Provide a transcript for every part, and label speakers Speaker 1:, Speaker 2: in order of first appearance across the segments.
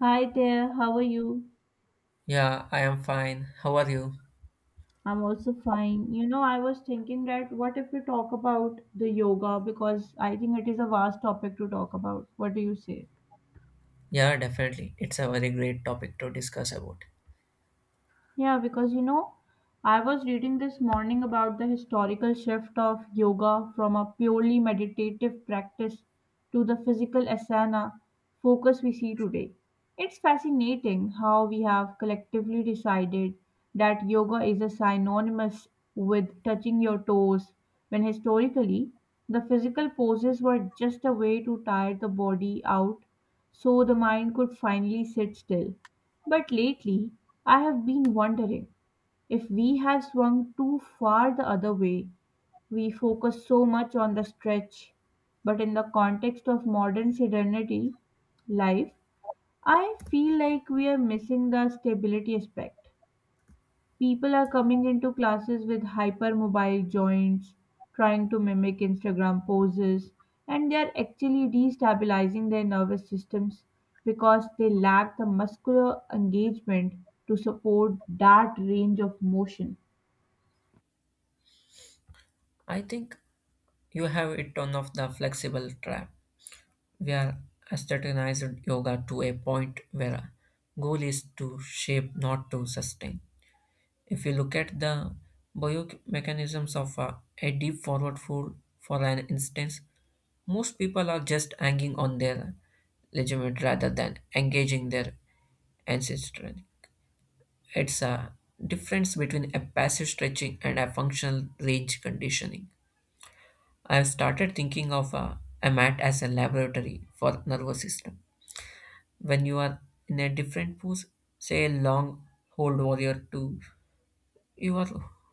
Speaker 1: Hi there, how are you?
Speaker 2: Yeah, I am fine. How are you?
Speaker 1: I'm also fine. You know, I was thinking that what if we talk about the yoga because I think it is a vast topic to talk about. What do you say?
Speaker 2: Yeah, definitely. It's a very great topic to discuss about.
Speaker 1: Yeah, because you know, I was reading this morning about the historical shift of yoga from a purely meditative practice to the physical asana focus we see today. It's fascinating how we have collectively decided that yoga is a synonymous with touching your toes, when historically, the physical poses were just a way to tire the body out so the mind could finally sit still. But lately, I have been wondering if we have swung too far the other way. We focus so much on the stretch, but in the context of modern sedentary life, I feel like we are missing the stability aspect. People are coming into classes with hypermobile joints, trying to mimic Instagram poses, and they are actually destabilizing their nervous systems because they lack the muscular engagement to support that range of motion.
Speaker 2: I think you have it on of the flexible trap. We are aestheticized yoga to a point where goal is to shape, not to sustain. If you look at the biomechanisms of a deep forward fold, for an instance, most people are just hanging on their legitimate rather than engaging their ancestry. It's a difference between a passive stretching and a functional range conditioning. I've started thinking of a mat as a laboratory for nervous system. When you are in a different pose, say a long hold warrior two, your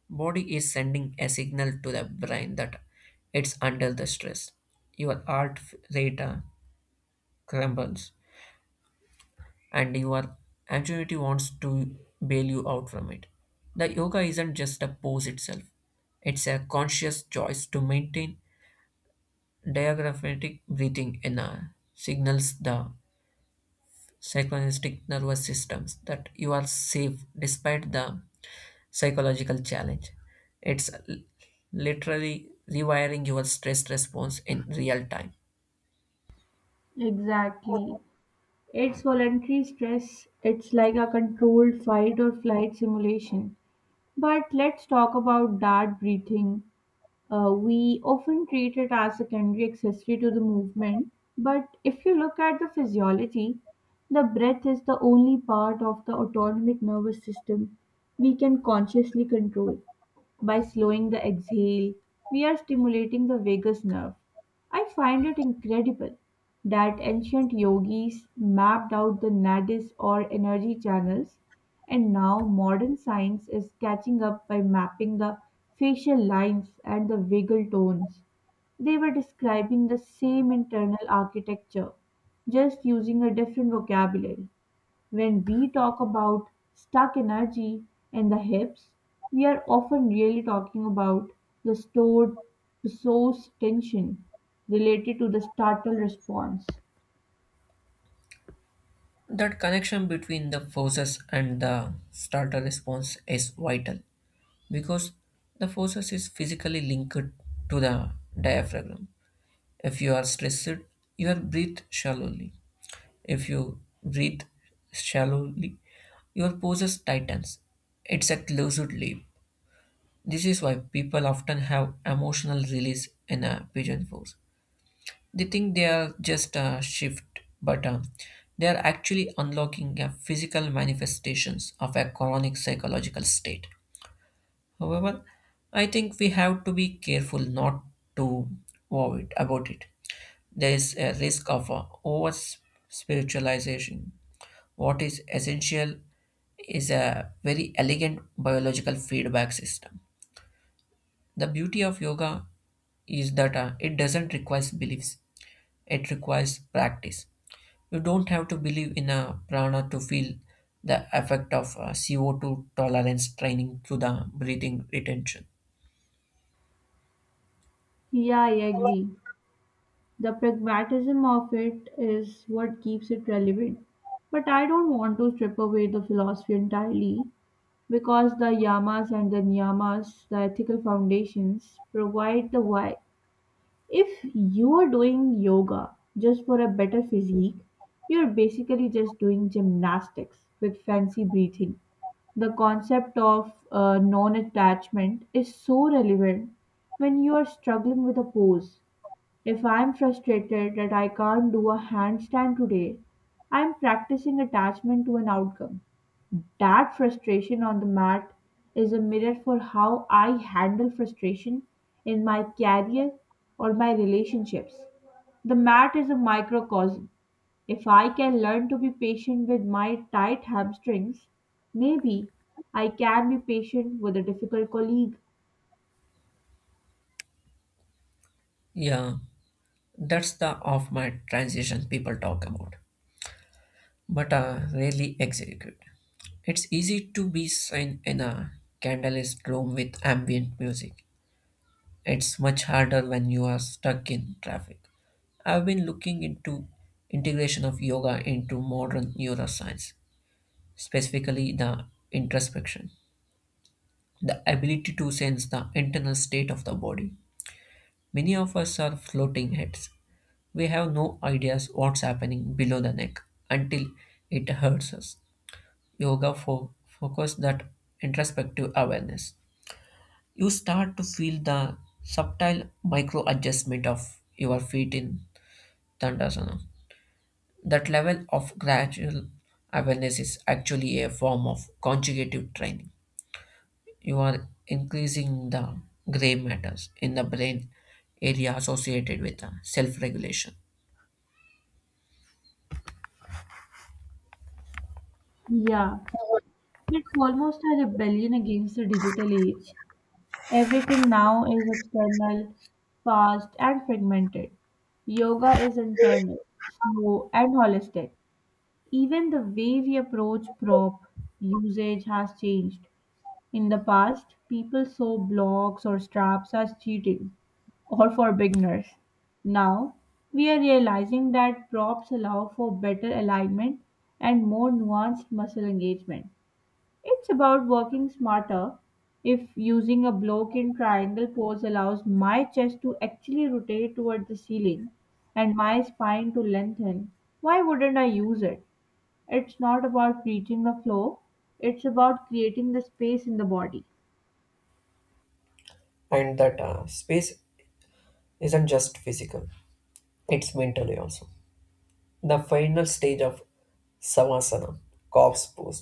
Speaker 2: body is sending a signal to the brain that it's under the stress. Your heart rate crumbles and your anxiety wants to bail you out from it. The yoga isn't just a pose itself, it's a conscious choice to maintain diaphragmatic breathing in a signals the synchronistic nervous systems that you are safe despite the psychological challenge. It's l- literally rewiring your stress response in real time.
Speaker 1: Exactly. It's voluntary stress. It's like a controlled fight or flight simulation. But let's talk about that breathing. We often treat it as a secondary accessory to the movement, but if you look at the physiology, the breath is the only part of the autonomic nervous system we can consciously control. By slowing the exhale, we are stimulating the vagus nerve. I find it incredible that ancient yogis mapped out the nadis or energy channels, and now modern science is catching up by mapping the facial lines and the vagal tones. They were describing the same internal architecture, just using a different vocabulary. When we talk about stuck energy and the hips, we are often really talking about the stored resource tension related to the startle response.
Speaker 2: That connection between the forces and the starter response is vital because the forces is physically linked to the diaphragm. If you are stressed, your breathe shallowly. If you breathe shallowly, your poses tightens. It's a closed loop. This is why people often have emotional release in a pigeon pose. They think they are just a shift, but they are actually unlocking a physical manifestations of a chronic psychological state. However, I think we have to be careful not to worry about it. There is a risk of over spiritualization. What is essential is a very elegant biological feedback system. The beauty of yoga is that it doesn't require beliefs, it requires practice. You don't have to believe in a prana to feel the effect of CO2 tolerance training through the breathing retention.
Speaker 1: Yeah, I agree. The pragmatism of it is what keeps it relevant. But I don't want to strip away the philosophy entirely because the yamas and the niyamas, the ethical foundations, provide the why. If you are doing yoga just for a better physique, you're basically just doing gymnastics with fancy breathing. The concept of non attachment is so relevant when you are struggling with a pose. If I'm frustrated that I can't do a handstand today, I'm practicing attachment to an outcome. That frustration on the mat is a mirror for how I handle frustration in my career or my relationships. The mat is a microcosm. If I can learn to be patient with my tight hamstrings, maybe I can be patient with a difficult colleague.
Speaker 2: Yeah, that's the off my transition people talk about, but rarely execute. It's easy to be seen in a candlelit room with ambient music. It's much harder when you are stuck in traffic. I've been looking into integration of yoga into modern neuroscience, specifically the introspection, the ability to sense the internal state of the body. Many of us are floating heads. We have no ideas what's happening below the neck until it hurts us. Focus that introspective awareness. You start to feel the subtle micro adjustment of your feet in Dandasana. That level of gradual awareness is actually a form of conjugative training. You are increasing the gray matters in the brain area associated with self regulation,
Speaker 1: Yeah, it's almost a rebellion against the digital age. Everything now is external, fast, and fragmented. Yoga is internal, slow, and holistic. Even the way we approach prop usage has changed. In the past, people saw blocks or straps as cheating or for beginners. Now, we are realizing that props allow for better alignment and more nuanced muscle engagement. It's about working smarter. If using a block in triangle pose allows my chest to actually rotate toward the ceiling and my spine to lengthen, why wouldn't I use it? It's not about reaching the floor, it's about creating the space in the body.
Speaker 2: and that space isn't just physical. It's mentally also. The final stage of Savasana, corpse pose,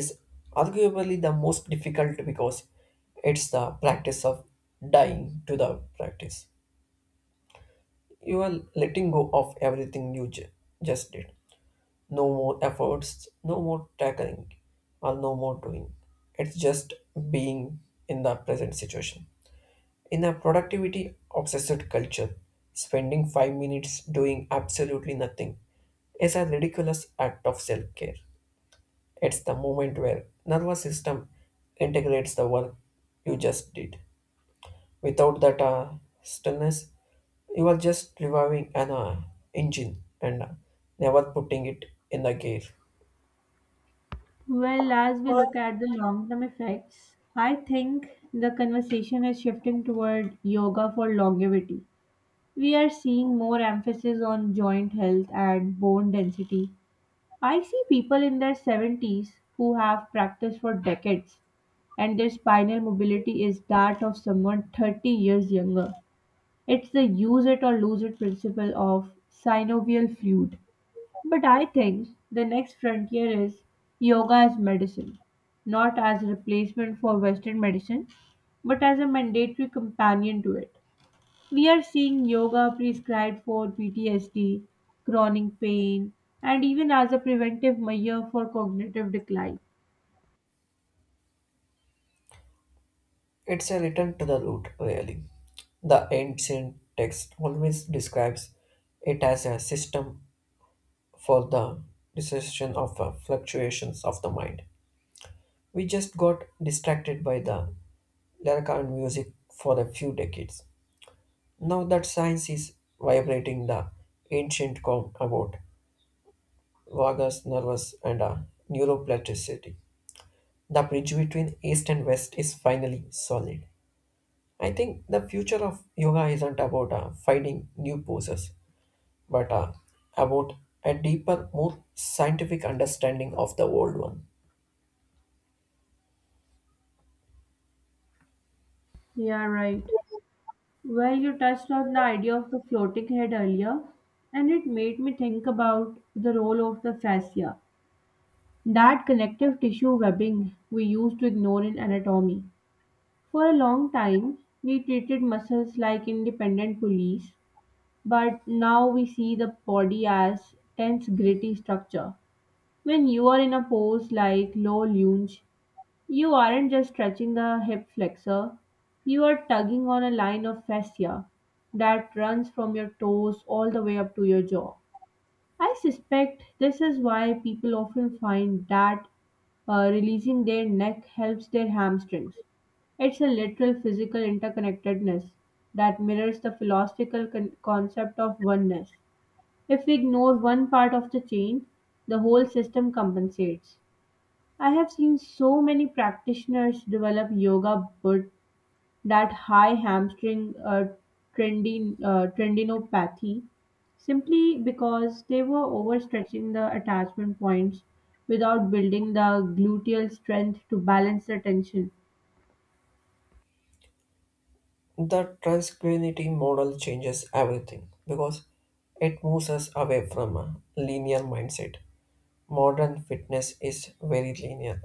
Speaker 2: is arguably the most difficult because it's the practice of dying to the practice. You are letting go of everything just did. No more efforts, no more tackling, or no more doing. It's just being in the present situation. In a productivity obsessed culture, spending 5 minutes doing absolutely nothing is a ridiculous act of self care. It's the moment where nervous system integrates the work you just did. Without that stillness, you are just reviving an engine and never putting it in the gear.
Speaker 1: Well, as we look at the long term effects, I think the conversation is shifting toward yoga for longevity. We are seeing more emphasis on joint health and bone density. I see people in their 70s who have practiced for decades and their spinal mobility is that of someone 30 years younger. It's the use it or lose it principle of synovial fluid. But I think the next frontier is yoga as medicine, not as a replacement for Western medicine, but as a mandatory companion to it. We are seeing yoga prescribed for PTSD, chronic pain, and even as a preventive measure for cognitive decline.
Speaker 2: It's a return to the root, really. The ancient text always describes it as a system for the recession of fluctuations of the mind. We just got distracted by the lyrical music for a few decades. Now that science is vibrating the ancient calm about vagus nervus and neuroplasticity, the bridge between east and west is finally solid. I think the future of yoga isn't about finding new poses, but about a deeper, more scientific understanding of the old one.
Speaker 1: Yeah, right. Well, you touched on the idea of the floating head earlier, and it made me think about the role of the fascia, that connective tissue webbing we used to ignore in anatomy. For a long time, we treated muscles like independent police, but now we see the body as tense, gritty structure. When you are in a pose like low lunge, you aren't just stretching the hip flexor, you are tugging on a line of fascia that runs from your toes all the way up to your jaw. I suspect this is why people often find that releasing their neck helps their hamstrings. It's a literal physical interconnectedness that mirrors the philosophical concept of oneness. If we ignore one part of the chain, the whole system compensates. I have seen so many practitioners develop yoga but that high hamstring tendinopathy simply because they were overstretching the attachment points without building the gluteal strength to balance the tension.
Speaker 2: The transculinity model changes everything because it moves us away from a linear mindset. Modern fitness is very linear,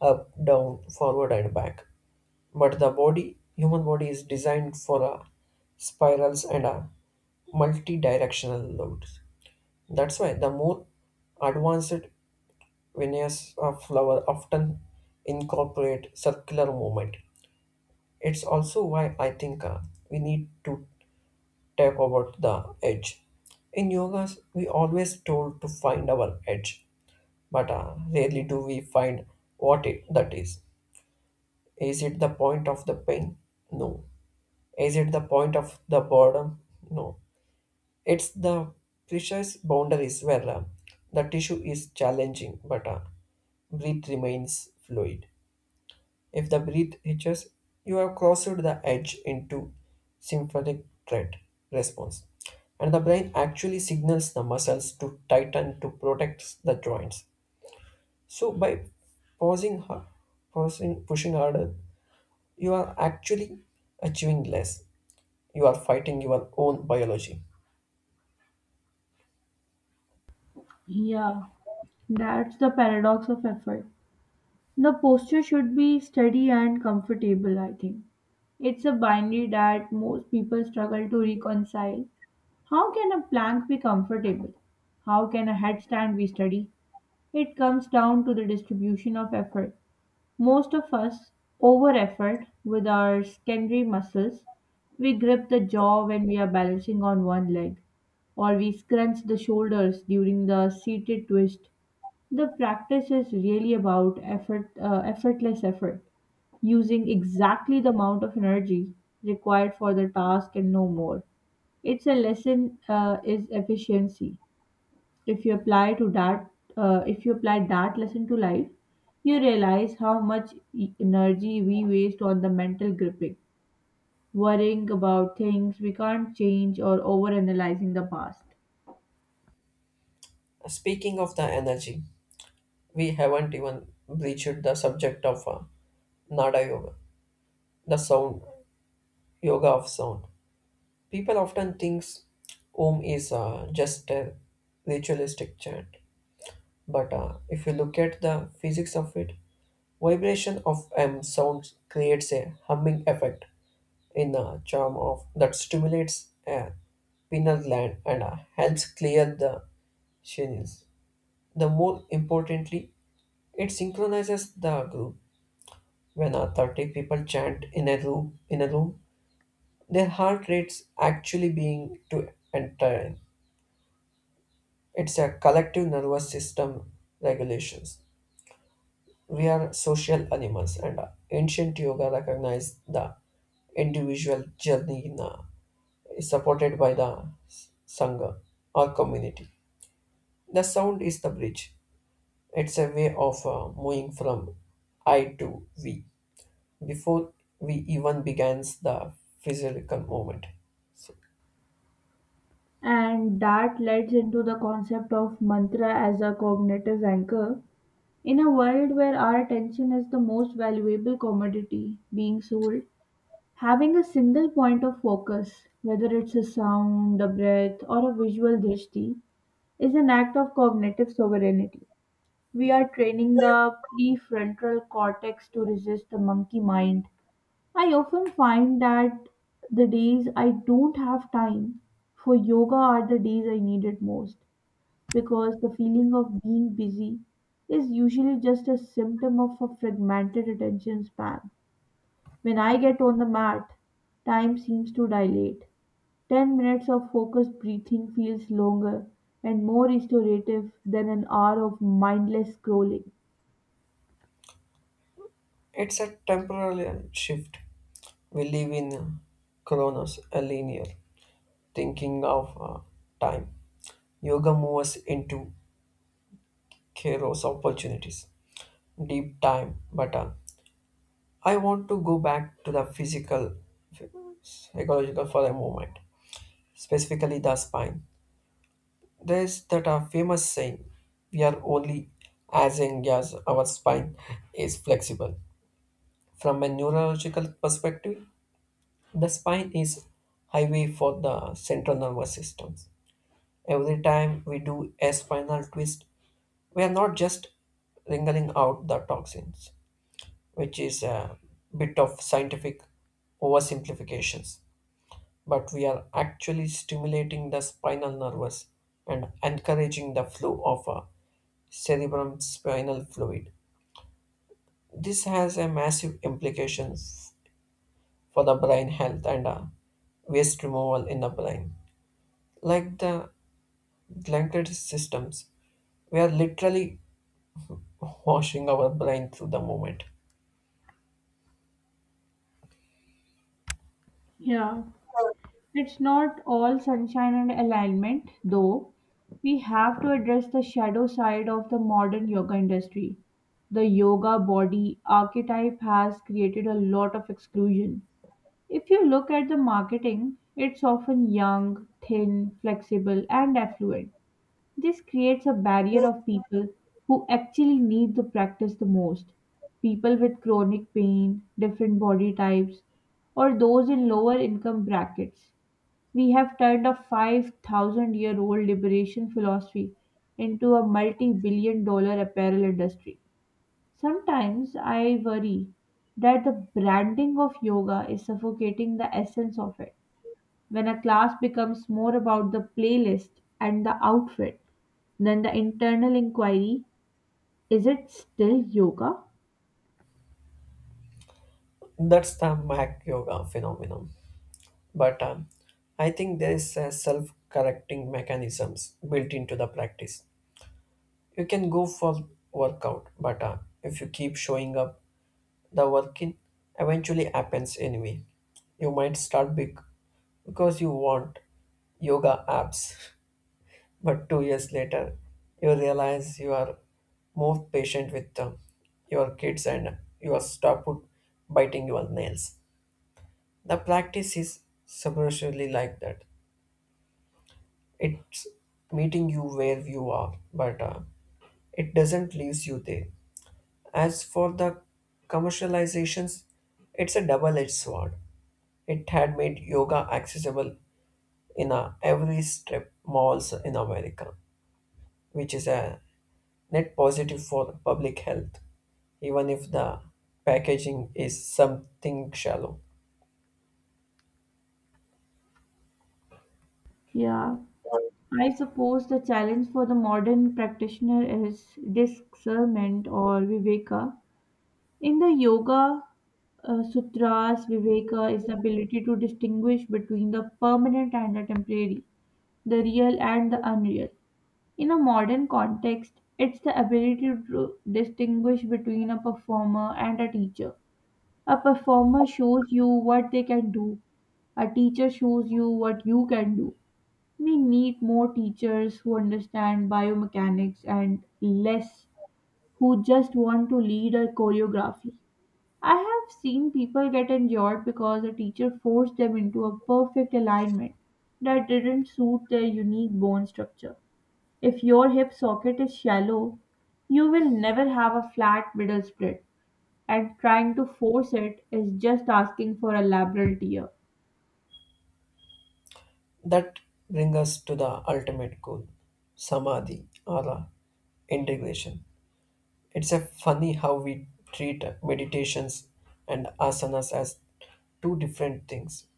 Speaker 2: up, down, forward and back. But the body, human body is designed for a spirals and a multi-directional loads. That's why the more advanced veneers of flower often incorporate circular movement. It's also why I think we need to tap about the edge. In yoga, we always told to find our edge, but rarely do we find what it, that is. Is it the point of the pain? No. Is it the point of the boredom? No. It's the precise boundaries where the tissue is challenging, but breath remains fluid. If the breath hitches, you have crossed the edge into sympathetic threat response. And the brain actually signals the muscles to tighten to protect the joints. So by pausing, har- pausing pushing harder, you are actually achieving less. You are fighting your own biology.
Speaker 1: Yeah, that's the paradox of effort. The posture should be steady and comfortable, I think. It's a binary that most people struggle to reconcile. How can a plank be comfortable? How can a headstand be steady? It comes down to the distribution of effort. Most of us over effort with our secondary muscles. We grip the jaw when we are balancing on one leg, or we scrunch the shoulders during the seated twist. The practice is really about effortless effort, using exactly the amount of energy required for the task and no more. It's a lesson is efficiency. If you apply to that, If you apply that lesson to life, you realize how much energy we waste on the mental gripping, worrying about things we can't change or overanalyzing the past.
Speaker 2: Speaking of the energy, we haven't even breached the subject of Nada Yoga, the sound yoga of sound. People often think Om is just a ritualistic chant, but if you look at the physics of it, vibration of M sound creates a humming effect in the charm of that stimulates a pineal gland and helps clear the channels. The more importantly, it synchronizes the group. When 30 people chant in a room, their heart rates actually being to enter. It's a collective nervous system regulations. We are social animals, and ancient yoga recognized the individual journey is supported by the sangha or community. The sound is the bridge. It's a way of moving from I to we before we even begins the physical movement. So
Speaker 1: And that leads into the concept of mantra as a cognitive anchor. In a world where our attention is the most valuable commodity being sold, having a single point of focus, whether it's a sound, a breath, or a visual drishti, is an act of cognitive sovereignty. We are training the prefrontal cortex to resist the monkey mind. I often find that the days I don't have time for yoga are the days I need it most because the feeling of being busy is usually just a symptom of a fragmented attention span. When I get on the mat, time seems to dilate. 10 minutes of focused breathing feels longer and more restorative than an hour of mindless scrolling.
Speaker 2: it's a temporary shift. We live in Kronos, a linear thinking of time. Yoga moves us into chaos opportunities, deep time. But I want to go back to the physical, psychological for a moment, specifically the spine. There's that famous saying, we are only as young as our spine is flexible. From a neurological perspective, the spine is highway for the central nervous systems. Every time we do a spinal twist, we are not just wringing out the toxins, which is a bit of scientific oversimplifications, but we are actually stimulating the spinal nervous and encouraging the flow of a cerebrum spinal fluid. This has a massive implications for the brain health and waste removal in the brain. Like the glandular systems, we are literally washing our brain through the movement.
Speaker 1: Yeah, it's not all sunshine and alignment, though. We have to address the shadow side of the modern yoga industry. The yoga body archetype has created a lot of exclusion. If you look at the marketing, it's often young, thin, flexible, and affluent. This creates a barrier of people who actually need the practice the most, people with chronic pain, different body types, or those in lower income brackets. We have turned a 5,000 year old liberation philosophy into a multi billion dollar apparel industry. Sometimes I worry that the branding of yoga is suffocating the essence of it. When a class becomes more about the playlist and the outfit than the internal inquiry, is it still yoga?
Speaker 2: That's the Mac yoga phenomenon. But I think there is a self-correcting mechanisms built into the practice. You can go for workout, but if you keep showing up, the working eventually happens anyway. You might start big because you want yoga apps, but 2 years later, you realize you are more patient with your kids and you are stop biting your nails. The practice is subversively like that. It's meeting you where you are, but it doesn't leaves you there. As for the commercializations, it's a double-edged sword. It had made yoga accessible in a every strip malls in America, which is a net positive for public health, even if the packaging is something shallow.
Speaker 1: Yeah. I suppose the challenge for the modern practitioner is discernment or viveka. In the yoga sutras, viveka is the ability to distinguish between the permanent and the temporary, the real and the unreal. In a modern context, it's the ability to distinguish between a performer and a teacher. A performer shows you what they can do, a teacher shows you what you can do. We need more teachers who understand biomechanics and less who just want to lead a choreography. I have seen people get injured because a teacher forced them into a perfect alignment that didn't suit their unique bone structure. If your hip socket is shallow, you will never have a flat middle split, and trying to force it is just asking for a labral tear.
Speaker 2: That brings us to the ultimate goal samadhi or integration. It's a funny how we treat meditations and asanas as two different things.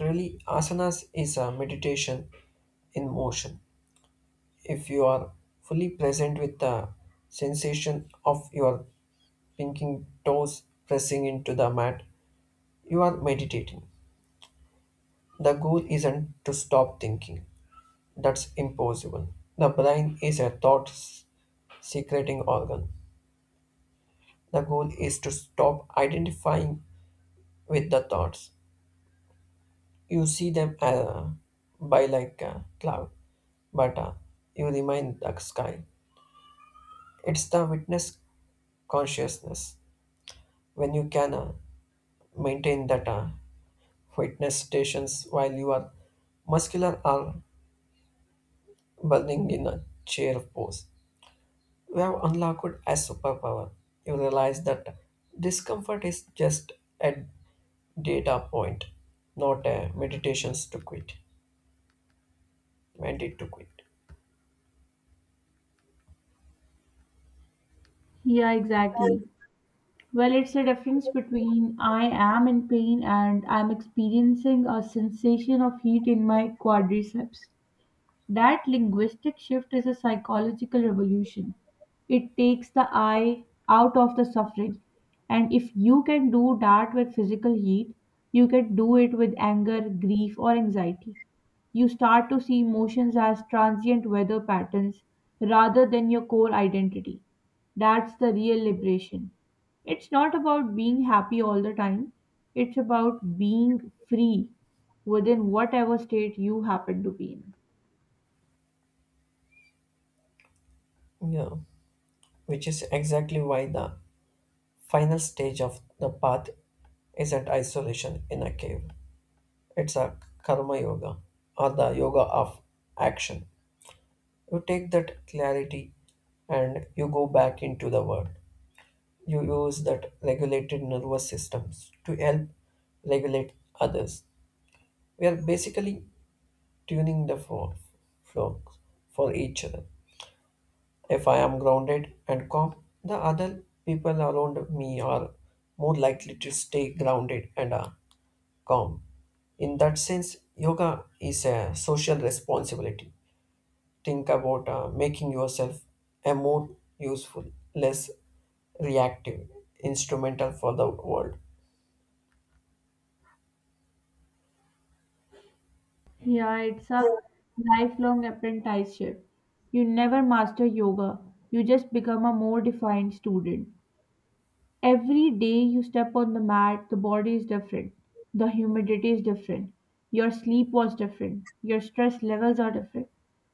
Speaker 2: Really, asanas is a meditation in motion. If you are fully present with the sensation of your pinking toes pressing into the mat, you are meditating. The goal isn't to stop thinking. That's impossible. The brain is a thought s- secreting organ. The goal is to stop identifying with the thoughts. You see them by like a cloud, but you remain the sky. It's the witness consciousness. When you can maintain that witness stations while you are muscular are burning in a chair pose, you have unlocked as superpower. You realize that discomfort is just a data point, not a meditations to quit, mandate to quit.
Speaker 1: Yeah, exactly. Well, it's the difference between I am in pain and I'm experiencing a sensation of heat in my quadriceps. That linguistic shift is a psychological revolution. It takes the I out of the suffering. And if you can do that with physical heat, you can do it with anger, grief, or anxiety. You start to see emotions as transient weather patterns rather than your core identity. That's the real liberation. It's not about being happy all the time, it's about being free within whatever state you happen to be in.
Speaker 2: Yeah, which is exactly why the final stage of the path isn't isolation in a cave. It's a karma yoga or the yoga of action. You take that clarity and you go back into the world. You use that regulated nervous systems to help regulate others. We are basically tuning the flow for each other. If I am grounded and calm, the other people around me are more likely to stay grounded and are calm. In that sense, yoga is a social responsibility. Think about making yourself a more useful, less reactive instrumental for the world.
Speaker 1: Yeah, it's a lifelong apprenticeship. You never master yoga, you just become a more defined student. Every day you step on the mat, the body is different, the humidity is different, your sleep was different, your stress levels are different.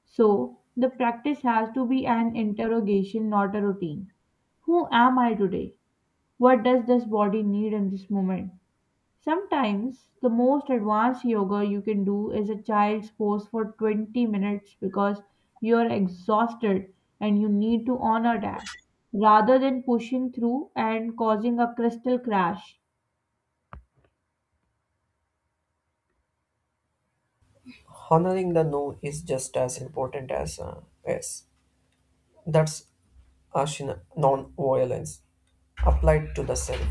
Speaker 1: So, the practice has to be an interrogation, not a routine. Who am I today? What does this body need in this moment? Sometimes the most advanced yoga you can do is a child's pose for 20 minutes because you are exhausted and you need to honor that rather than pushing through and causing a crystal crash.
Speaker 2: Honoring the no is just as important as yes. That's ashina non-violence applied to the self.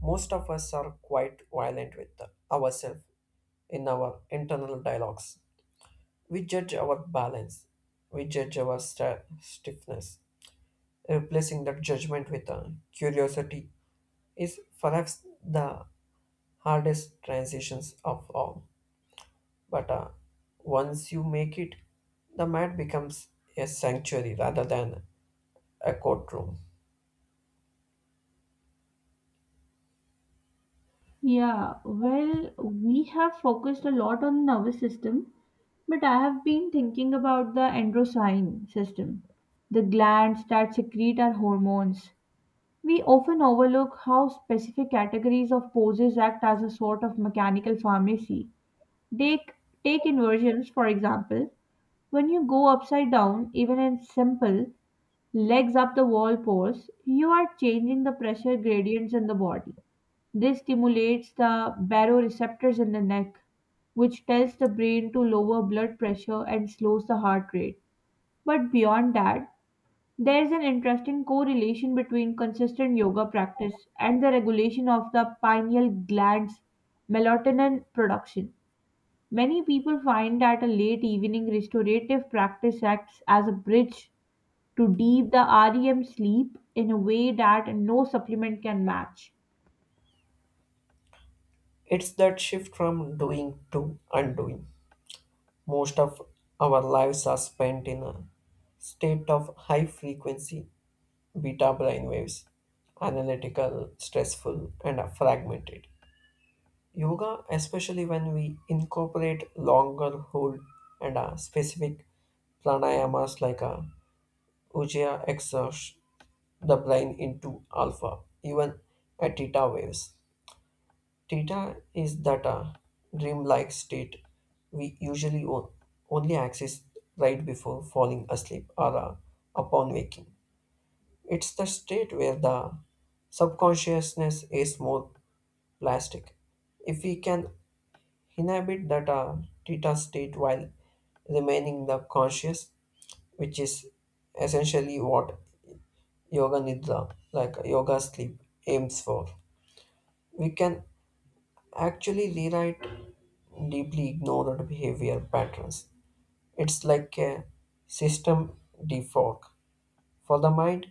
Speaker 2: Most of us are quite violent with ourselves in our internal dialogues. We judge our balance. We judge our sta stiffness. Replacing that judgment with curiosity is perhaps the hardest transitions of all. But once you make it, the mat becomes a sanctuary rather than a courtroom.
Speaker 1: Yeah, well, we have focused a lot on the nervous system, but I have been thinking about the endocrine system, the glands that secrete our hormones. We often overlook how specific categories of poses act as a sort of mechanical pharmacy. Take, Take inversions, for example. When you go upside down, even in simple legs up the wall pose, you are changing the pressure gradients in the body. This stimulates the baroreceptors in the neck, which tells the brain to lower blood pressure and slows the heart rate. But beyond that, there is an interesting correlation between consistent yoga practice and the regulation of the pineal gland's melatonin production. Many people find that a late evening restorative practice acts as a bridge to deep the REM sleep in a way that no supplement can match.
Speaker 2: It's that shift from doing to undoing. Most of our lives are spent in a state of high frequency beta brain waves, analytical, stressful, and fragmented. Yoga, especially when we incorporate longer hold and a specific pranayamas like a ujjayi exerts the brain into alpha, even at theta waves. Theta is data, dreamlike state we usually only access right before falling asleep or upon waking. It's the state where the subconsciousness is more plastic. If we can inhabit that theta state while remaining the conscious, which is essentially what yoga nidra, like yoga sleep, aims for, we can actually rewrite deeply ignored behavior patterns. It's like a system defog. For the mind,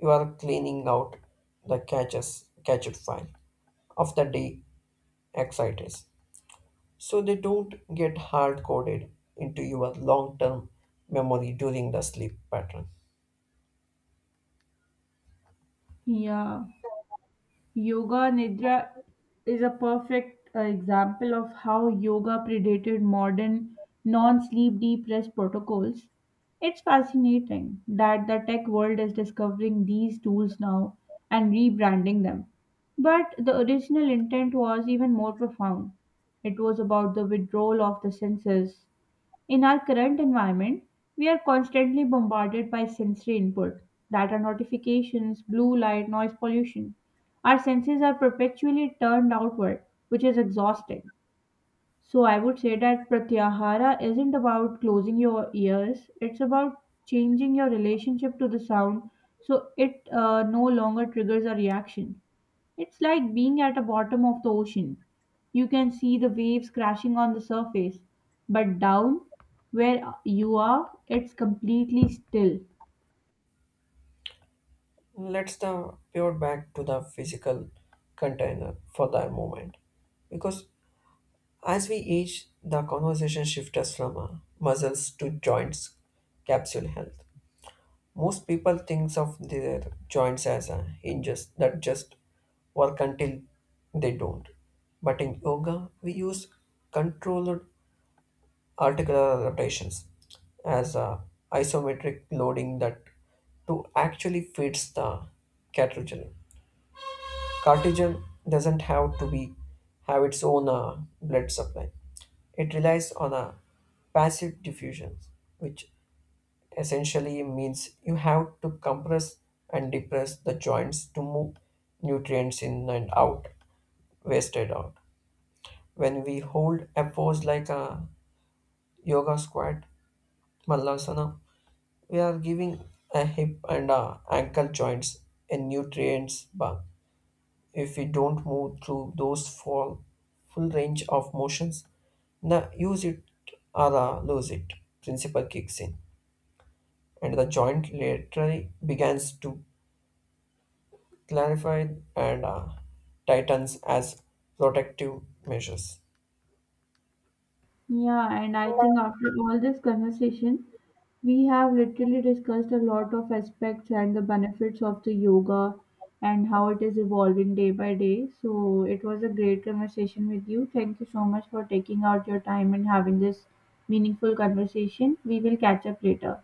Speaker 2: you are cleaning out the catches catched file of the day exciters so they don't get hard coded into your long term memory during the sleep pattern.
Speaker 1: Yeah. Yoga Nidra is a perfect example of how yoga predated modern non sleep deep rest protocols. It's fascinating that the tech world is discovering these tools now and rebranding them. But the original intent was even more profound. It was about the withdrawal of the senses. In our current environment, we are constantly bombarded by sensory input, data notifications, blue light, noise pollution. Our senses are perpetually turned outward, which is exhausting. So I would say that pratyahara isn't about closing your ears, it's about changing your relationship to the sound so it no longer triggers a reaction. It's like being at the bottom of the ocean. You can see the waves crashing on the surface, but down where you are, it's completely still.
Speaker 2: Let's the pivot back to the physical container for the moment because as we age, the conversation shifts from muscles to joints, capsule health. Most people thinks of their joints as hinges that just work until they don't. But in yoga, we use controlled articular rotations as isometric loading that to actually fits the cartilage. Cartesian doesn't have to be have its own blood supply. It relies on a passive diffusion, which essentially means you have to compress and depress the joints to move nutrients in and out, wasted out. When we hold a pose like a yoga squat, malasana, we are giving a hip and a ankle joints a nutrients bath. If we don't move through those full range of motions, the use it or the lose it principle kicks in, and the joint laterally begins to clarify and tightens as protective measures.
Speaker 1: Yeah, and I think after all this conversation, we have literally discussed a lot of aspects and the benefits of the yoga and how it is evolving day by day. So it was a great conversation with you. Thank you so much for taking out your time and having this meaningful conversation. We will catch up later.